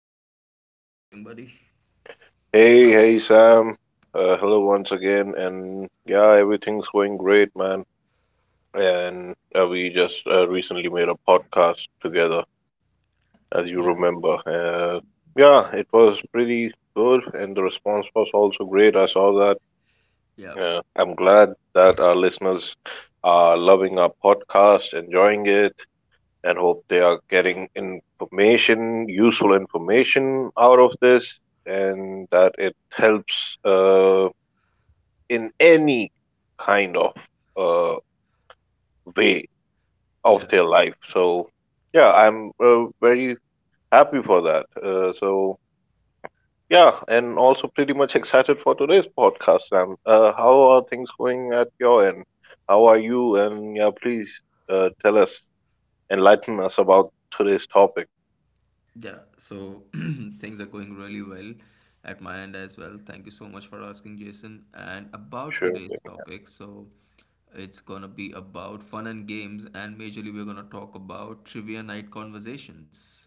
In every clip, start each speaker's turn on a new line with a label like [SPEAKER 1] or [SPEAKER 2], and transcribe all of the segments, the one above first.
[SPEAKER 1] another episode. How's it going, buddy?
[SPEAKER 2] Hey, hey Sam. Hello once again, and yeah, everything's going great, man. And we just recently made a podcast together, as you
[SPEAKER 1] Yeah,
[SPEAKER 2] remember. Yeah, it was pretty good, and the response was also great. I saw
[SPEAKER 1] yeah,
[SPEAKER 2] that. I'm glad that our listeners are loving our podcast, enjoying it, and hope they are getting information, useful information out of this, and that it helps. Uh, in any kind of uh, way of
[SPEAKER 1] yeah,
[SPEAKER 2] their life. So yeah, I'm very happy for that. So yeah, and also pretty much excited for today's podcast, Sam. How are things going at your end? How are you? And yeah, please tell us, enlighten us about today's topic.
[SPEAKER 1] yeah. So things are going really well at my end as well. Thank you so much for asking, Jason. And about
[SPEAKER 2] Sure
[SPEAKER 1] today's
[SPEAKER 2] thing.
[SPEAKER 1] topic, so it's gonna be about fun and games, and majorly we're gonna talk about trivia night conversations.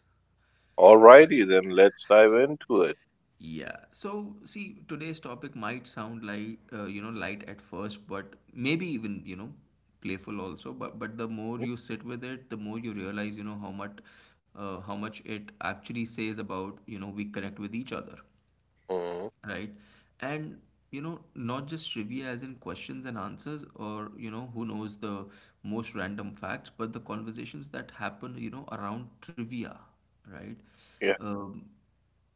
[SPEAKER 2] Alrighty then, let's dive into it.
[SPEAKER 1] Yeah. So, see, today's topic might sound like you know, light at first, but maybe even, you know, playful also. But the more
[SPEAKER 2] Mhm.
[SPEAKER 1] you sit with it, the more you realize, you know, how much it actually says about, you know, we connect with each other,
[SPEAKER 2] Mhm.
[SPEAKER 1] right? And you know, not just trivia as in questions and answers, or you know, who knows the most random facts, but the conversations that happen, you know, around trivia, right?
[SPEAKER 2] Yeah.
[SPEAKER 1] um,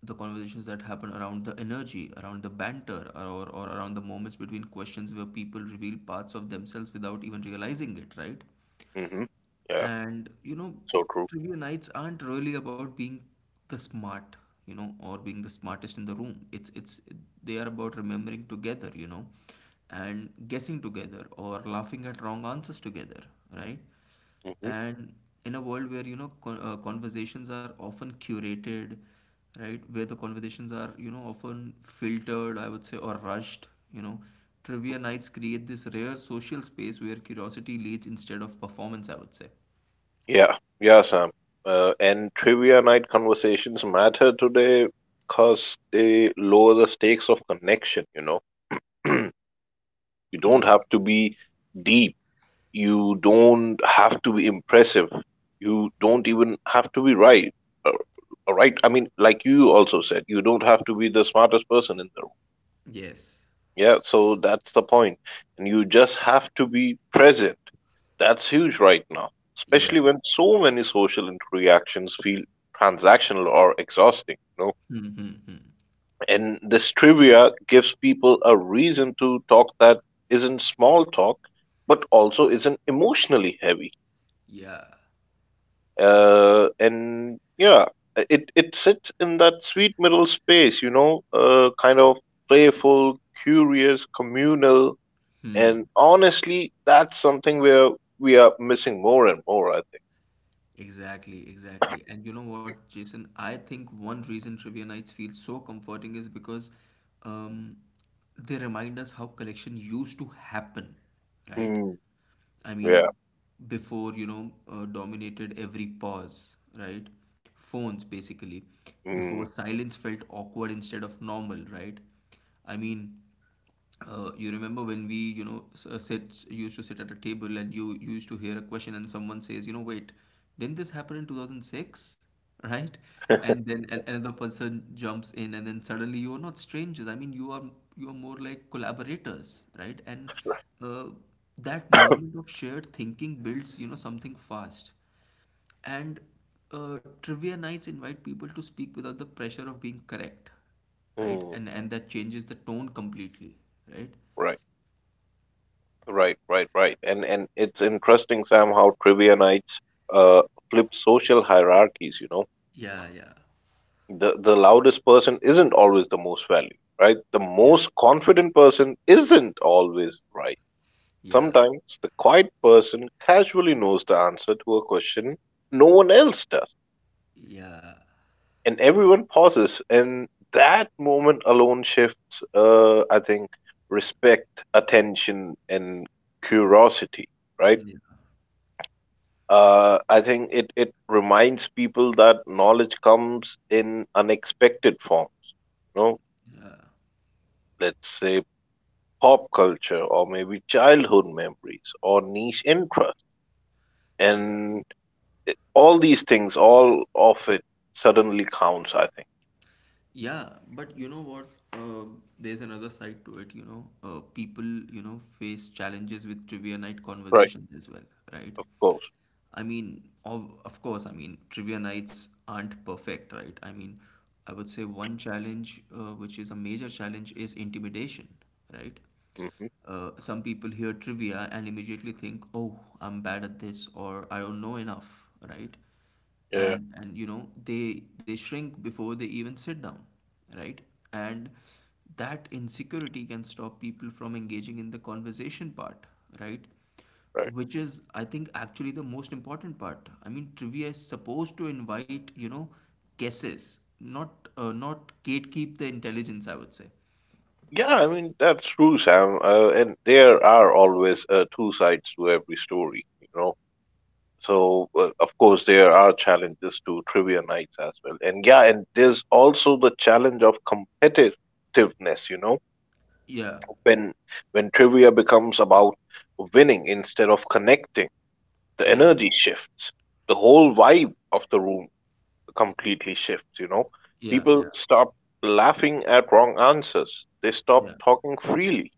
[SPEAKER 1] the conversations that happen around the energy, around the banter, or around the moments between questions where people reveal parts of themselves without even realizing it, right?
[SPEAKER 2] Hmm. Yeah.
[SPEAKER 1] And you know,
[SPEAKER 2] So true.
[SPEAKER 1] trivia nights aren't really about being the smart, you know, or being the smartest in the room. It's, they are about remembering together, you know, and guessing together or laughing at wrong answers together, right?
[SPEAKER 2] Mm-hmm.
[SPEAKER 1] And in a world where, you know, conversations are often curated, right? Where the conversations are, you know, often filtered, I would say, or rushed, you know, trivia nights create this rare social space where curiosity leads instead of performance, I would say.
[SPEAKER 2] Yeah, yeah, Sam. And trivia night conversations matter today because they lower the stakes of connection, you know. You don't
[SPEAKER 1] Hmm.
[SPEAKER 2] have to be deep. You don't have to be impressive. You don't even have to be right. Uh, right? I mean, like you also said, you don't have to be the smartest person in the room.
[SPEAKER 1] Yes.
[SPEAKER 2] Yeah, so that's the point. And you just have to be present. That's huge right now,
[SPEAKER 1] Yeah.
[SPEAKER 2] especially when so many social interactions feel transactional or exhausting, you know.
[SPEAKER 1] Hmm, hmm, hmm.
[SPEAKER 2] And this trivia gives people a reason to talk that isn't small talk, but also isn't emotionally heavy.
[SPEAKER 1] Yeah.
[SPEAKER 2] And yeah, it sits in that sweet middle space, you know, kind of playful, curious, communal.
[SPEAKER 1] Hmm.
[SPEAKER 2] And honestly, that's something where we are missing more and more, I think.
[SPEAKER 1] Exactly, exactly. And you know what, Jason? I think one reason trivia nights feel so comforting is because um, they remind us how collection used to happen, right?
[SPEAKER 2] Mm,
[SPEAKER 1] I
[SPEAKER 2] yeah.
[SPEAKER 1] mean, before, you know, dominated every pause, right? Phones, basically. Before
[SPEAKER 2] Mm,
[SPEAKER 1] silence felt awkward instead of normal, right? I mean, you remember when we, you know, sit used to sit at a table and you used to hear a question and someone says, you know, wait, didn't this happen in 2006, right? And then another person jumps in, and then suddenly you are not strangers. I mean, you are, you are more like collaborators, right? And uh, that moment of shared thinking builds, you know, something fast. And trivia nights invite people to speak without the pressure of being correct, right?
[SPEAKER 2] mm,
[SPEAKER 1] And that changes the tone completely, right?
[SPEAKER 2] right. Right. And it's interesting, Sam, how trivia nights uh flip social hierarchies. You know,
[SPEAKER 1] Yeah, yeah,
[SPEAKER 2] the loudest person isn't always the most valued, right? The
[SPEAKER 1] yeah,
[SPEAKER 2] most confident person isn't always right.
[SPEAKER 1] yeah,
[SPEAKER 2] Sometimes the quiet person casually knows the answer to a question no one else does,
[SPEAKER 1] yeah,
[SPEAKER 2] and everyone pauses, and that moment alone shifts, I think, respect, attention, and curiosity, right?
[SPEAKER 1] yeah,
[SPEAKER 2] I think it reminds people that knowledge comes in unexpected forms, you know, let's say pop culture, or maybe childhood memories, or niche interests.
[SPEAKER 1] yeah.
[SPEAKER 2] And all these things, all of it suddenly counts, I think.
[SPEAKER 1] Yeah, but you know what? There's another side to it. You know, people, you know, face challenges with trivia night
[SPEAKER 2] Right.
[SPEAKER 1] conversations as well, right?
[SPEAKER 2] Of course.
[SPEAKER 1] I mean, of course, I mean, trivia nights aren't perfect, right? I mean, I would say one challenge, which is a major challenge, is intimidation, right?
[SPEAKER 2] Hmm.
[SPEAKER 1] Some people hear trivia and immediately think, "Oh, I'm bad at this," or "I don't know enough," right?
[SPEAKER 2] Yeah.
[SPEAKER 1] And you know, they shrink before they even sit down, right? And that insecurity can stop people from engaging in the conversation part, right?
[SPEAKER 2] Right.
[SPEAKER 1] Which is, I think, actually the most important part. I mean, trivia is supposed to invite, you know, guesses, not gatekeep the intelligence, I would say.
[SPEAKER 2] Yeah, I mean, that's true, Sam. And there are always two sides to every story, you know. So, of course, there are challenges to trivia nights as well. And yeah, and there's also the challenge of competitiveness, you know,
[SPEAKER 1] Yeah,
[SPEAKER 2] when trivia becomes about winning instead of connecting, the
[SPEAKER 1] yeah,
[SPEAKER 2] energy shifts. The whole vibe of the room completely shifts, you know.
[SPEAKER 1] yeah, yeah,
[SPEAKER 2] People stop laughing at wrong answers. They stop
[SPEAKER 1] yeah,
[SPEAKER 2] talking freely.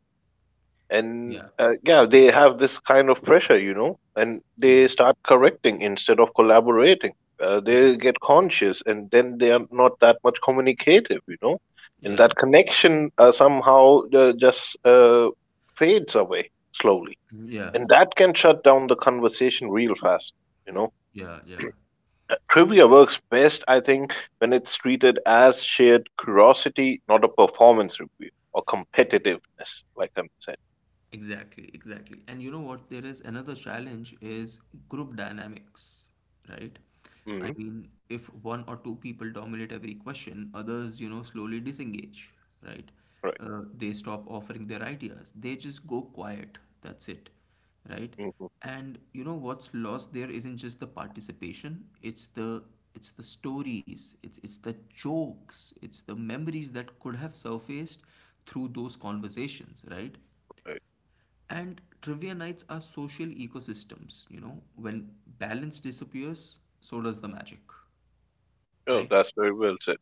[SPEAKER 2] And
[SPEAKER 1] yeah,
[SPEAKER 2] yeah, they have this kind of pressure, you know, and
[SPEAKER 1] yeah,
[SPEAKER 2] they start correcting instead of collaborating.
[SPEAKER 1] yeah,
[SPEAKER 2] They get conscious and then they are not that much communicative, you know, and
[SPEAKER 1] yeah,
[SPEAKER 2] that connection somehow just fades away slowly.
[SPEAKER 1] yeah,
[SPEAKER 2] And that can shut down the conversation real fast, you know.
[SPEAKER 1] yeah, yeah.
[SPEAKER 2] Trivia works best, I think, when it's treated as shared curiosity, not a performance review or competitiveness, like I'm saying.
[SPEAKER 1] Exactly, exactly. And you know what? There is another challenge, is group dynamics, right? I
[SPEAKER 2] Hmm.
[SPEAKER 1] mean, if one or two people dominate every question, others, you know, slowly disengage, right?
[SPEAKER 2] Right.
[SPEAKER 1] They stop offering their ideas. They just go quiet. That's it, right?
[SPEAKER 2] Hmm.
[SPEAKER 1] And you know what's lost there isn't just the participation, it's the stories, it's the jokes, it's the memories that could have surfaced through those conversations, right?
[SPEAKER 2] Right.
[SPEAKER 1] And trivia nights are social ecosystems, you know, when balance disappears, so does the magic,
[SPEAKER 2] Oh,
[SPEAKER 1] right?
[SPEAKER 2] that's very well said.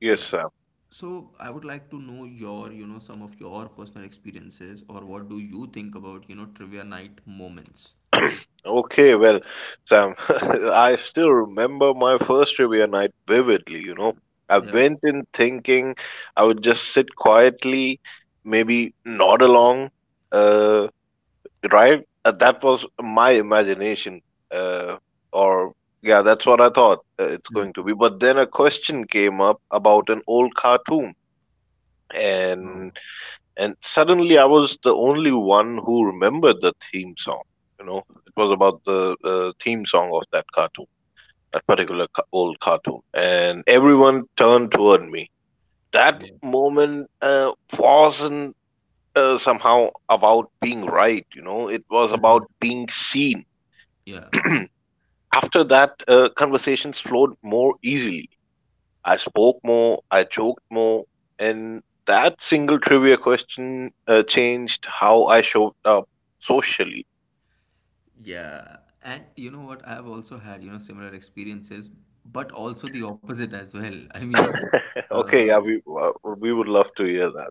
[SPEAKER 1] Yeah.
[SPEAKER 2] Sam.
[SPEAKER 1] So I would like to know your, you know, some of your personal experiences, or what do you think about, you know, trivia night moments?
[SPEAKER 2] Okay, well, Sam, I still remember my first trivia night vividly, you know. I
[SPEAKER 1] Yeah.
[SPEAKER 2] went in thinking I would just sit quietly, maybe nod along, uh, right? That was my imagination, uh, or yeah, that's what I thought it's
[SPEAKER 1] Hmm.
[SPEAKER 2] going to be. But then a question came up about an old cartoon,
[SPEAKER 1] Oh,
[SPEAKER 2] and suddenly I was the only one who remembered the theme song. You know, it was about the theme song of that cartoon, that particular old cartoon, and everyone turned toward me. That
[SPEAKER 1] yeah.
[SPEAKER 2] moment wasn't somehow about being right. You know, it was
[SPEAKER 1] Mhm.
[SPEAKER 2] about being seen.
[SPEAKER 1] Yeah.
[SPEAKER 2] After that, conversations flowed more easily. I spoke more, I joked more, and that single trivia question changed how I showed up socially.
[SPEAKER 1] Yeah. And you know what? I've also had, you know, similar experiences, but also the opposite as well. I mean,
[SPEAKER 2] okay,
[SPEAKER 1] uh,
[SPEAKER 2] yeah, we would love to hear that.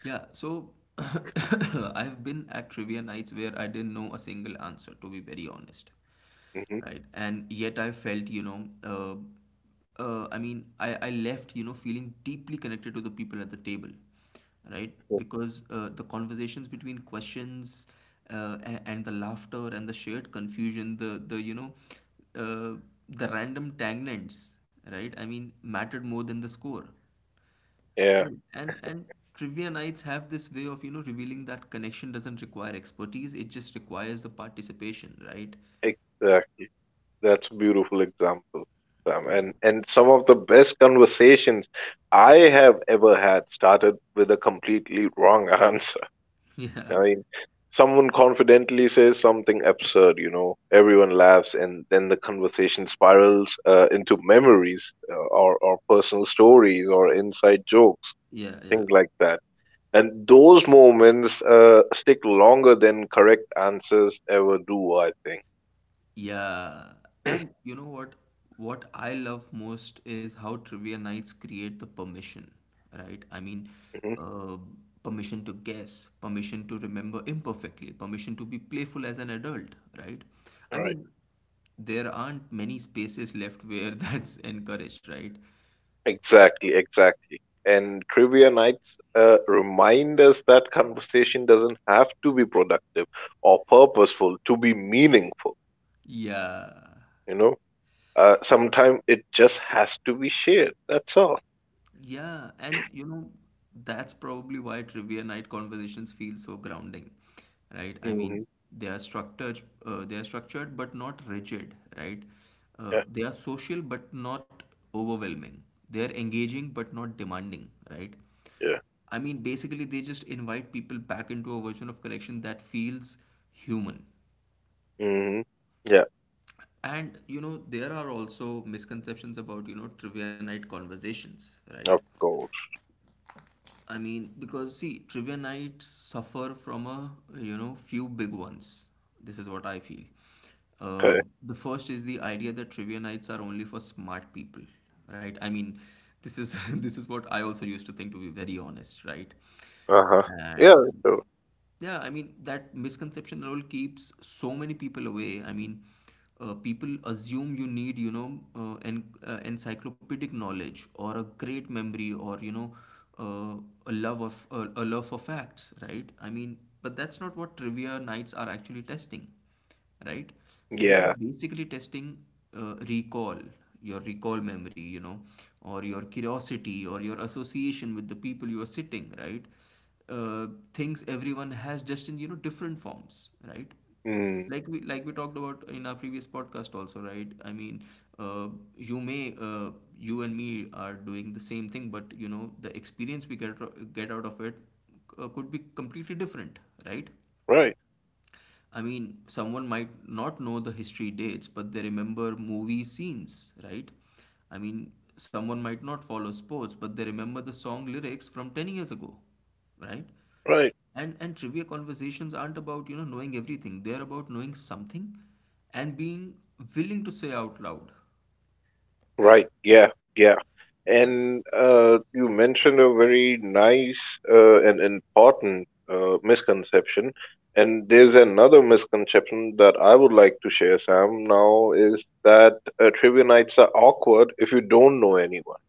[SPEAKER 1] yeah, so I've been at trivia nights where I didn't know a single answer, to be very honest,
[SPEAKER 2] Hmm.
[SPEAKER 1] right? And yet I felt, you know, I mean, I left, you know, feeling deeply connected to the people at the table, right? Because the conversations between questions, and the laughter and the shared confusion, the you know, uh, the random tangents, right? I mean, mattered more than the score.
[SPEAKER 2] Yeah,
[SPEAKER 1] And trivia nights have this way of, you know, revealing that connection doesn't require expertise, it just requires the participation, right?
[SPEAKER 2] exactly. That's a beautiful example, Sam.
[SPEAKER 1] Yeah.
[SPEAKER 2] And some of the best conversations I have ever had started with a completely wrong answer. I
[SPEAKER 1] Yeah.
[SPEAKER 2] mean, someone confidently says something absurd, you know, everyone laughs, and then the conversation spirals into memories or personal stories or inside jokes,
[SPEAKER 1] Yeah, yeah.
[SPEAKER 2] things like that. And those moments stick longer than correct answers ever do, I think.
[SPEAKER 1] Yeah. And you know what? What I love most is how trivia nights create the permission, right? I mean,
[SPEAKER 2] Mhm.
[SPEAKER 1] uh, permission to guess, permission to remember imperfectly, permission to be playful as an adult, right? I
[SPEAKER 2] All right.
[SPEAKER 1] mean, there aren't many spaces left where that's encouraged, right?
[SPEAKER 2] Exactly, exactly. And trivia nights remind us that conversation doesn't have to be productive or purposeful to be meaningful,
[SPEAKER 1] Yeah.
[SPEAKER 2] you know? Sometimes it just has to be shared. That's all.
[SPEAKER 1] Yeah. And you know, that's probably why trivia night conversations feel so grounding, right? I
[SPEAKER 2] Hmm.
[SPEAKER 1] mean, they are structured but not rigid, right?
[SPEAKER 2] Yeah,
[SPEAKER 1] They are social but not overwhelming. They are engaging but not demanding, right?
[SPEAKER 2] yeah,
[SPEAKER 1] I mean, basically, they just invite people back into a version of connection that feels human.
[SPEAKER 2] hmm, yeah.
[SPEAKER 1] And you know, there are also misconceptions about, you know, trivia night conversations, right?
[SPEAKER 2] Of course.
[SPEAKER 1] I mean, because see, trivia nights suffer from a, you know, few big ones. This is what I feel. Uh,
[SPEAKER 2] Okay.
[SPEAKER 1] the first is the idea that trivia nights are only for smart people, right? I mean, this is this is what I also used to think, to be very honest, right?
[SPEAKER 2] Uh huh. Yeah.
[SPEAKER 1] And
[SPEAKER 2] So
[SPEAKER 1] yeah, I mean, that misconception role keeps so many people away. I mean, people assume you need, you know, encyclopedic knowledge or a great memory, or, you know, uh, a love for facts, right? I mean, but that's not what trivia nights are actually testing, right? They are
[SPEAKER 2] yeah.
[SPEAKER 1] basically testing, recall, your recall memory, you know, or your curiosity, or your association with the people you are sitting, right? Uh, things everyone has, just in, you know, different forms, right?
[SPEAKER 2] Mm.
[SPEAKER 1] Like we talked about in our previous podcast also, right? I mean, uh, you may uh, you and me are doing the same thing, but you know, the experience we get out of it, could be completely different, right?
[SPEAKER 2] Right.
[SPEAKER 1] I mean, someone might not know the history dates, but they remember movie scenes, right? I mean, someone might not follow sports, but they remember the song lyrics from 10 years ago, right?
[SPEAKER 2] Right.
[SPEAKER 1] And trivia conversations aren't about, you know, knowing everything. They're about knowing something and being willing to say out loud.
[SPEAKER 2] Right. Yeah. Yeah. And you mentioned a very nice and important misconception. And there's another misconception that I would like to share, Sam. Now is that trivia nights are awkward if you don't know anyone.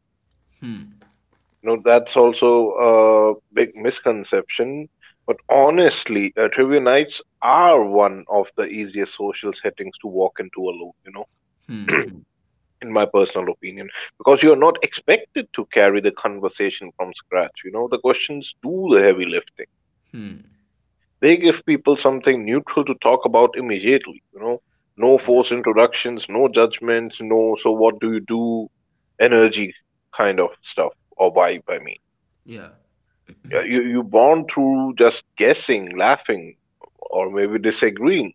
[SPEAKER 2] No, that's also a big misconception. But honestly, trivia nights are one of the easiest social settings to walk into alone, you know,
[SPEAKER 1] Hmm, hmm,
[SPEAKER 2] in my personal opinion, because you're not expected to carry the conversation from scratch. You know, the questions do the heavy lifting.
[SPEAKER 1] hmm.
[SPEAKER 2] They give people something neutral to talk about immediately, you know, no
[SPEAKER 1] Yeah,
[SPEAKER 2] forced introductions, no judgments, no, so what do you do? Energy kind of stuff or vibe, I mean.
[SPEAKER 1] yeah,
[SPEAKER 2] You you born through just guessing, laughing, or maybe disagreeing,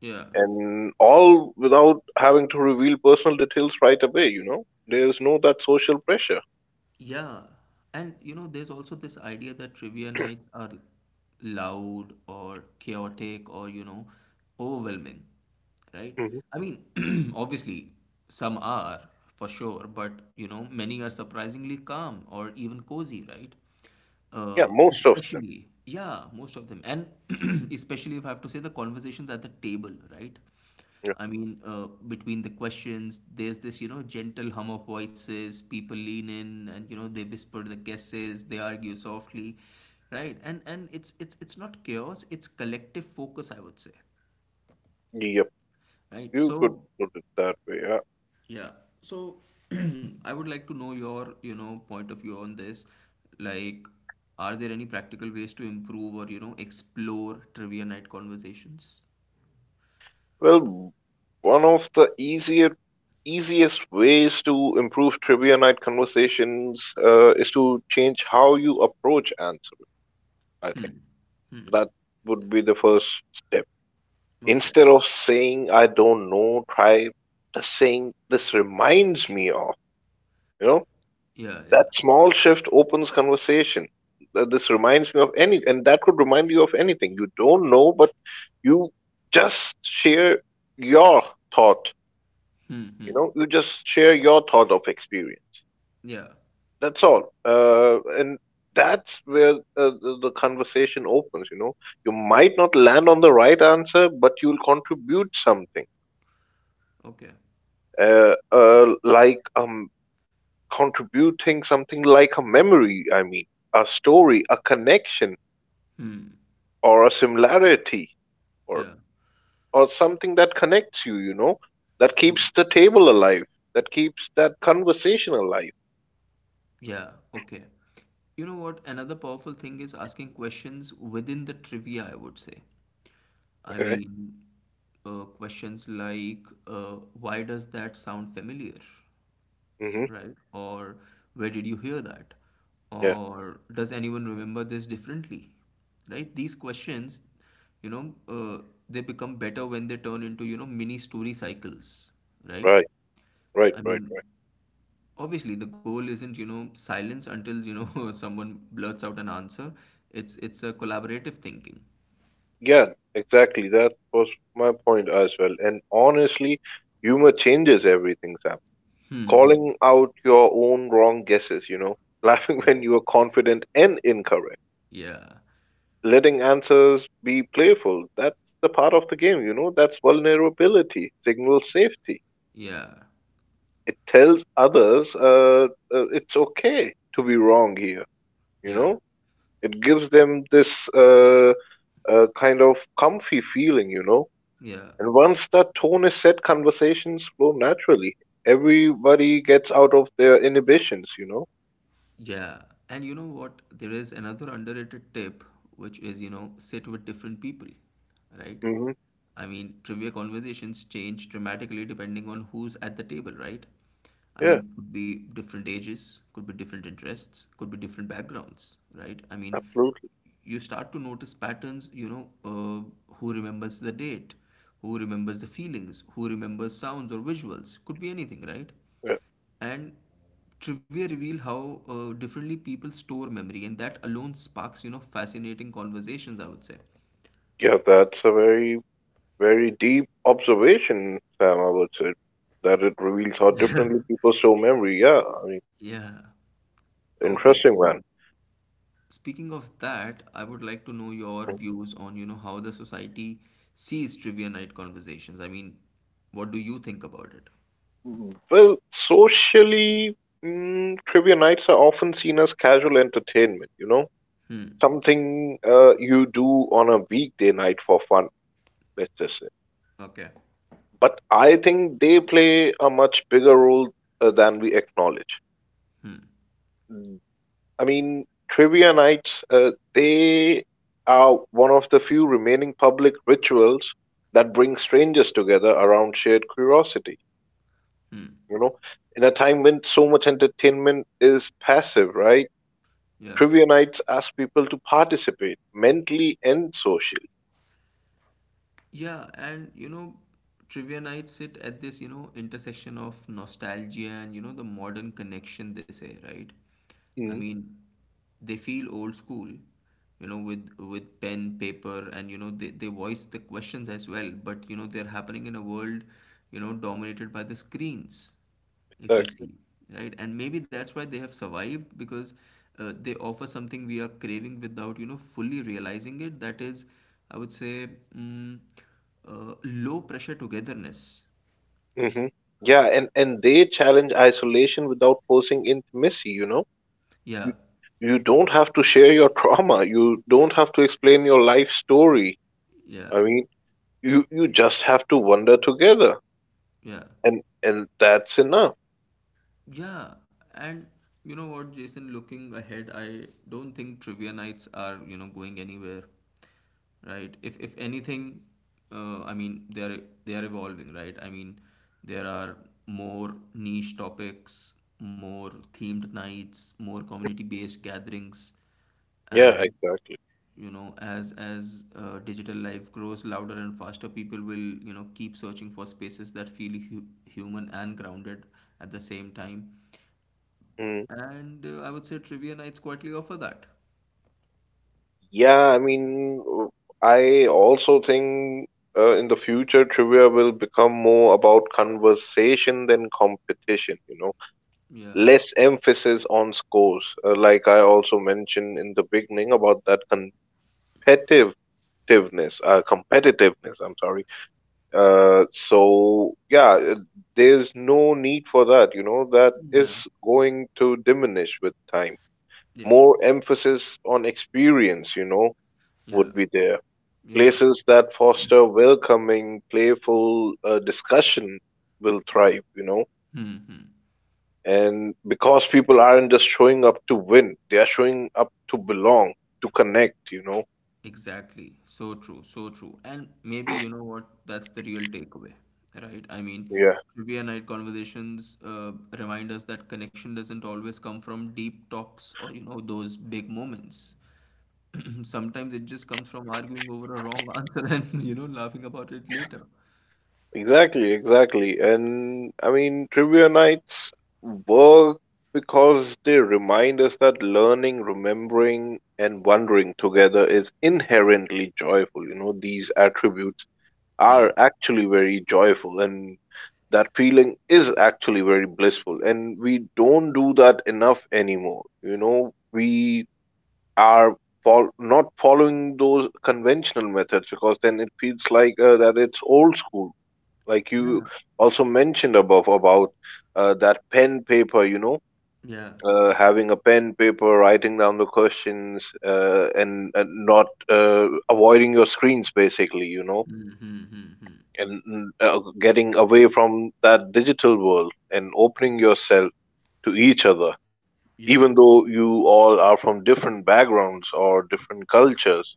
[SPEAKER 1] yeah.
[SPEAKER 2] and all without having to reveal personal details right away. You know, there is no that social pressure.
[SPEAKER 1] Yeah, and you know, there's also this idea that trivia nights are loud or chaotic, or, you know, overwhelming, right?
[SPEAKER 2] Mhm.
[SPEAKER 1] I mean, obviously, some are, for sure, but you know, many are surprisingly calm or even cozy, right? Uh,
[SPEAKER 2] Yeah, most of them.
[SPEAKER 1] especially, yeah, most of them. And especially, if I have to say, the conversations at the table, right?
[SPEAKER 2] Yeah.
[SPEAKER 1] I mean, between the questions, there's this, you know, gentle hum of voices. People lean in, and you know, they whisper the guesses, they argue softly, right? And it's it's not chaos, it's collective focus, I would say,
[SPEAKER 2] Yep.
[SPEAKER 1] right?
[SPEAKER 2] You could
[SPEAKER 1] So
[SPEAKER 2] put it that way. Yeah.
[SPEAKER 1] yeah. So I would like to know your, you know, point of view on this. Like, are there any practical ways to improve or, you know, explore trivia night conversations?
[SPEAKER 2] Well, one of the easier easiest ways to improve trivia night conversations is to change how you approach answering. I think that would be the first step.
[SPEAKER 1] Okay.
[SPEAKER 2] Instead of saying I don't know, try just saying this reminds me of, you know,
[SPEAKER 1] Yeah, yeah.
[SPEAKER 2] that small shift opens conversation. This reminds me of any, and that could remind you of anything. You don't know, but you just share your thought,
[SPEAKER 1] Hmm,
[SPEAKER 2] you
[SPEAKER 1] hmm.
[SPEAKER 2] know, you just share your thought of experience.
[SPEAKER 1] Yeah.
[SPEAKER 2] That's all. And that's where the conversation opens, you know. You might not land on the right answer, but you'll contribute something
[SPEAKER 1] Okay.
[SPEAKER 2] uh, uh, like um, contributing something like a memory, I mean, a story, a connection,
[SPEAKER 1] Hmm.
[SPEAKER 2] or a similarity, or
[SPEAKER 1] Yeah.
[SPEAKER 2] something that connects you, you know, that
[SPEAKER 1] Hmm.
[SPEAKER 2] keeps the table alive, that keeps that conversation alive.
[SPEAKER 1] Yeah, okay. You know what? Another powerful thing is asking questions within the trivia, I would say. I
[SPEAKER 2] Okay.
[SPEAKER 1] mean, questions like, why does that sound familiar,
[SPEAKER 2] Mm-hmm.
[SPEAKER 1] right? Or where did you hear that?
[SPEAKER 2] Yeah.
[SPEAKER 1] Or does anyone remember this differently? Right? These questions, you know, they become better when they turn into, you know, mini story cycles, right?
[SPEAKER 2] Right. Right.
[SPEAKER 1] I
[SPEAKER 2] Right.
[SPEAKER 1] mean,
[SPEAKER 2] Right.
[SPEAKER 1] obviously the goal isn't, you know, silence until, you know, someone blurts out an answer. It's a collaborative thinking.
[SPEAKER 2] Yeah. Exactly. That was my point as well. And honestly, humor changes everything, Sam.
[SPEAKER 1] Hmm, hmm.
[SPEAKER 2] Calling out your own wrong guesses, you know, laughing
[SPEAKER 1] Yeah.
[SPEAKER 2] when you are confident and incorrect
[SPEAKER 1] Yeah.
[SPEAKER 2] letting answers be playful. That's the part of the game, you know. That's vulnerability, signals safety.
[SPEAKER 1] Yeah.
[SPEAKER 2] It tells others it's okay to be wrong here, you
[SPEAKER 1] Yeah.
[SPEAKER 2] know. It gives them this kind of comfy feeling, you know.
[SPEAKER 1] Yeah.
[SPEAKER 2] And once that tone is set, conversations flow naturally. Everybody gets out of their inhibitions, you know.
[SPEAKER 1] Yeah, and you know what? There is another underrated tip, which is, you know, sit with different people, right?
[SPEAKER 2] Hmm.
[SPEAKER 1] I mean, trivia conversations change dramatically depending on who's at the table, right? I
[SPEAKER 2] Yeah,
[SPEAKER 1] mean, could be different ages, could be different interests, could be different backgrounds, right? I mean,
[SPEAKER 2] absolutely.
[SPEAKER 1] you start to notice patterns, you know, who remembers the date, who remembers the feelings, who remembers sounds or visuals, could be anything, right?
[SPEAKER 2] Yeah.
[SPEAKER 1] And trivia reveal how differently people store memory, and that alone sparks, you know, fascinating conversations, I would say.
[SPEAKER 2] Yeah, that's a very Very deep observation, Sam, I would say, that it reveals how differently people store memory. Yeah, I mean,
[SPEAKER 1] Yeah. Yeah. Okay,
[SPEAKER 2] interesting
[SPEAKER 1] so
[SPEAKER 2] one.
[SPEAKER 1] speaking of that, I would like to know your views on, you know, how the society sees trivia night conversations. I mean, what do you think about it?
[SPEAKER 2] Well, socially, mm, trivia nights are often seen as casual entertainment, you know, something you do on a weekday night for fun, let's just say.
[SPEAKER 1] Okay.
[SPEAKER 2] But I think they play a much bigger role than we acknowledge.
[SPEAKER 1] Hmm.
[SPEAKER 2] I mean, trivia nights, they are one of the few remaining public rituals that bring strangers together around shared curiosity.
[SPEAKER 1] Hmm.
[SPEAKER 2] You know, in a time when so much entertainment is passive, right?
[SPEAKER 1] Yeah.
[SPEAKER 2] Trivia nights ask people to participate mentally and socially.
[SPEAKER 1] Yeah, and you know, trivia nights sit at this, you know, intersection of nostalgia and, you know, the modern connection, they say, right? I
[SPEAKER 2] Mm,
[SPEAKER 1] mean, they feel old school, you know, with pen, paper, and you know, they voice the questions as well, but you know, they're happening in a world, you know, dominated by the screens, if you
[SPEAKER 2] exactly.
[SPEAKER 1] see, right? And maybe that's why they have survived, because they offer something we are craving without, you know, fully realizing it. That is, I would say, mm, low pressure togetherness,
[SPEAKER 2] Hmm. Yeah, and they challenge isolation without forcing intimacy, you know?
[SPEAKER 1] yeah,
[SPEAKER 2] You, you don't have to share your trauma. You don't have to explain your life story. I
[SPEAKER 1] yeah,
[SPEAKER 2] mean, you just have to wander together.
[SPEAKER 1] yeah.
[SPEAKER 2] And that's enough.
[SPEAKER 1] Yeah, and you know what, Jason, looking ahead, I don't think trivia nights are, you know, going anywhere, right? If anything, I mean, they are evolving, right? I mean, there are more niche topics, more themed nights, more community-based gatherings,
[SPEAKER 2] Yeah,
[SPEAKER 1] and
[SPEAKER 2] exactly.
[SPEAKER 1] you know, as digital life grows louder and faster, people will, you know, keep searching for spaces that feel hu human and grounded at the same time.
[SPEAKER 2] Hmm.
[SPEAKER 1] And I would say trivia nights quietly offer that.
[SPEAKER 2] Yeah, I mean, I also think in the future trivia will become more about conversation than competition, you know,
[SPEAKER 1] Yeah.
[SPEAKER 2] less emphasis on scores. Like I also mentioned in the beginning about that competitiveness, competitiveness, I'm sorry. So yeah, there's no need for that, you know, that is
[SPEAKER 1] Yeah.
[SPEAKER 2] going to diminish with time.
[SPEAKER 1] Yeah.
[SPEAKER 2] More emphasis on experience, you know, would
[SPEAKER 1] Yeah.
[SPEAKER 2] be there
[SPEAKER 1] Yeah.
[SPEAKER 2] places that foster welcoming, playful discussion will thrive, you know.
[SPEAKER 1] Hmm, hmm.
[SPEAKER 2] And because people aren't just showing up to win, they are showing up to belong, to connect, you know.
[SPEAKER 1] Exactly. So true. So true. And maybe, you know what? That's the real takeaway, right? I mean,
[SPEAKER 2] Yeah,
[SPEAKER 1] trivia night conversations remind us that connection doesn't always come from deep talks, or, you know, those big moments. Sometimes it just comes from arguing over a wrong answer and, you know, laughing about it later.
[SPEAKER 2] exactly, exactly. And I mean, trivia nights work because they remind us that learning, remembering, and wondering together is inherently joyful. You know, these attributes are
[SPEAKER 1] Yes.
[SPEAKER 2] actually very joyful and that feeling is actually very blissful and we don't do that enough anymore, you know, we are not following those conventional methods because then it feels like that it's old school like you
[SPEAKER 1] Yeah.
[SPEAKER 2] also mentioned above about that pen paper, you know,
[SPEAKER 1] Yeah.
[SPEAKER 2] having a pen paper writing down the questions, and not avoiding your screens basically, you know,
[SPEAKER 1] Mm-hmm.
[SPEAKER 2] and getting away from that digital world and opening yourself to each other
[SPEAKER 1] Yeah,
[SPEAKER 2] even though you all are from different backgrounds or different cultures,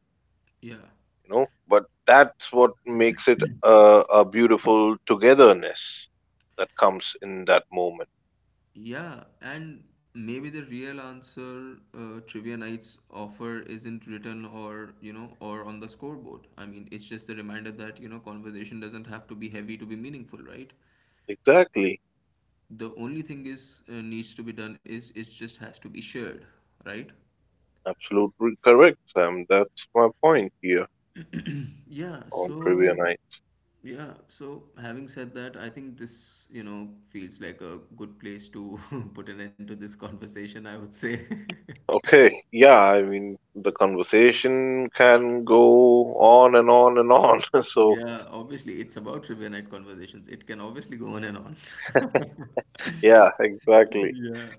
[SPEAKER 1] yeah,
[SPEAKER 2] you know, but that's what makes it a beautiful togetherness that comes in that moment.
[SPEAKER 1] yeah. And maybe the real answer trivia nights offer isn't written, or, you know, or on the scoreboard. I mean, it's just a reminder that, you know, conversation doesn't have to be heavy to be meaningful, right?
[SPEAKER 2] Exactly.
[SPEAKER 1] The only thing is needs to be done is it just has to be shared, right?
[SPEAKER 2] Absolutely correct, Sam, that's my point here
[SPEAKER 1] Yeah,
[SPEAKER 2] on trivia
[SPEAKER 1] so
[SPEAKER 2] night.
[SPEAKER 1] yeah, so having said that, I think this, you know, feels like a good place to put an end to this conversation, I would say.
[SPEAKER 2] Okay, yeah, I mean the conversation can go on and on and on, so
[SPEAKER 1] Yeah, obviously, it's about trivia night conversations. It can obviously go on and on.
[SPEAKER 2] Yeah, exactly.
[SPEAKER 1] Yeah.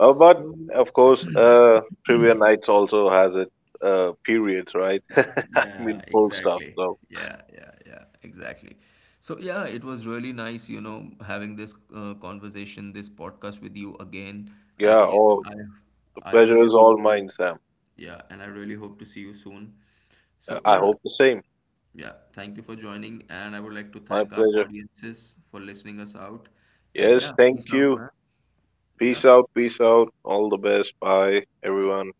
[SPEAKER 2] But
[SPEAKER 1] So,
[SPEAKER 2] of course, trivia nights also has its periods, right? I mean,
[SPEAKER 1] yeah,
[SPEAKER 2] full stuff.
[SPEAKER 1] exactly.
[SPEAKER 2] So
[SPEAKER 1] Yeah, yeah, yeah, exactly. So, yeah, it was really nice, you know, having this conversation, this podcast with you again. And
[SPEAKER 2] yeah,
[SPEAKER 1] Jason,
[SPEAKER 2] all the
[SPEAKER 1] I
[SPEAKER 2] pleasure
[SPEAKER 1] really
[SPEAKER 2] is
[SPEAKER 1] hope,
[SPEAKER 2] all mine, Sam.
[SPEAKER 1] yeah, and I really hope to see you soon. So,
[SPEAKER 2] I
[SPEAKER 1] yeah,
[SPEAKER 2] hope the same.
[SPEAKER 1] yeah, thank you for joining. And I would like to
[SPEAKER 2] My
[SPEAKER 1] thank our
[SPEAKER 2] pleasure.
[SPEAKER 1] audiences for listening us out. And yeah,
[SPEAKER 2] Yes,
[SPEAKER 1] peace
[SPEAKER 2] thank
[SPEAKER 1] out,
[SPEAKER 2] you.
[SPEAKER 1] man. Yeah.
[SPEAKER 2] Peace out, peace out. All the best. Bye,
[SPEAKER 1] Bye.
[SPEAKER 2] everyone.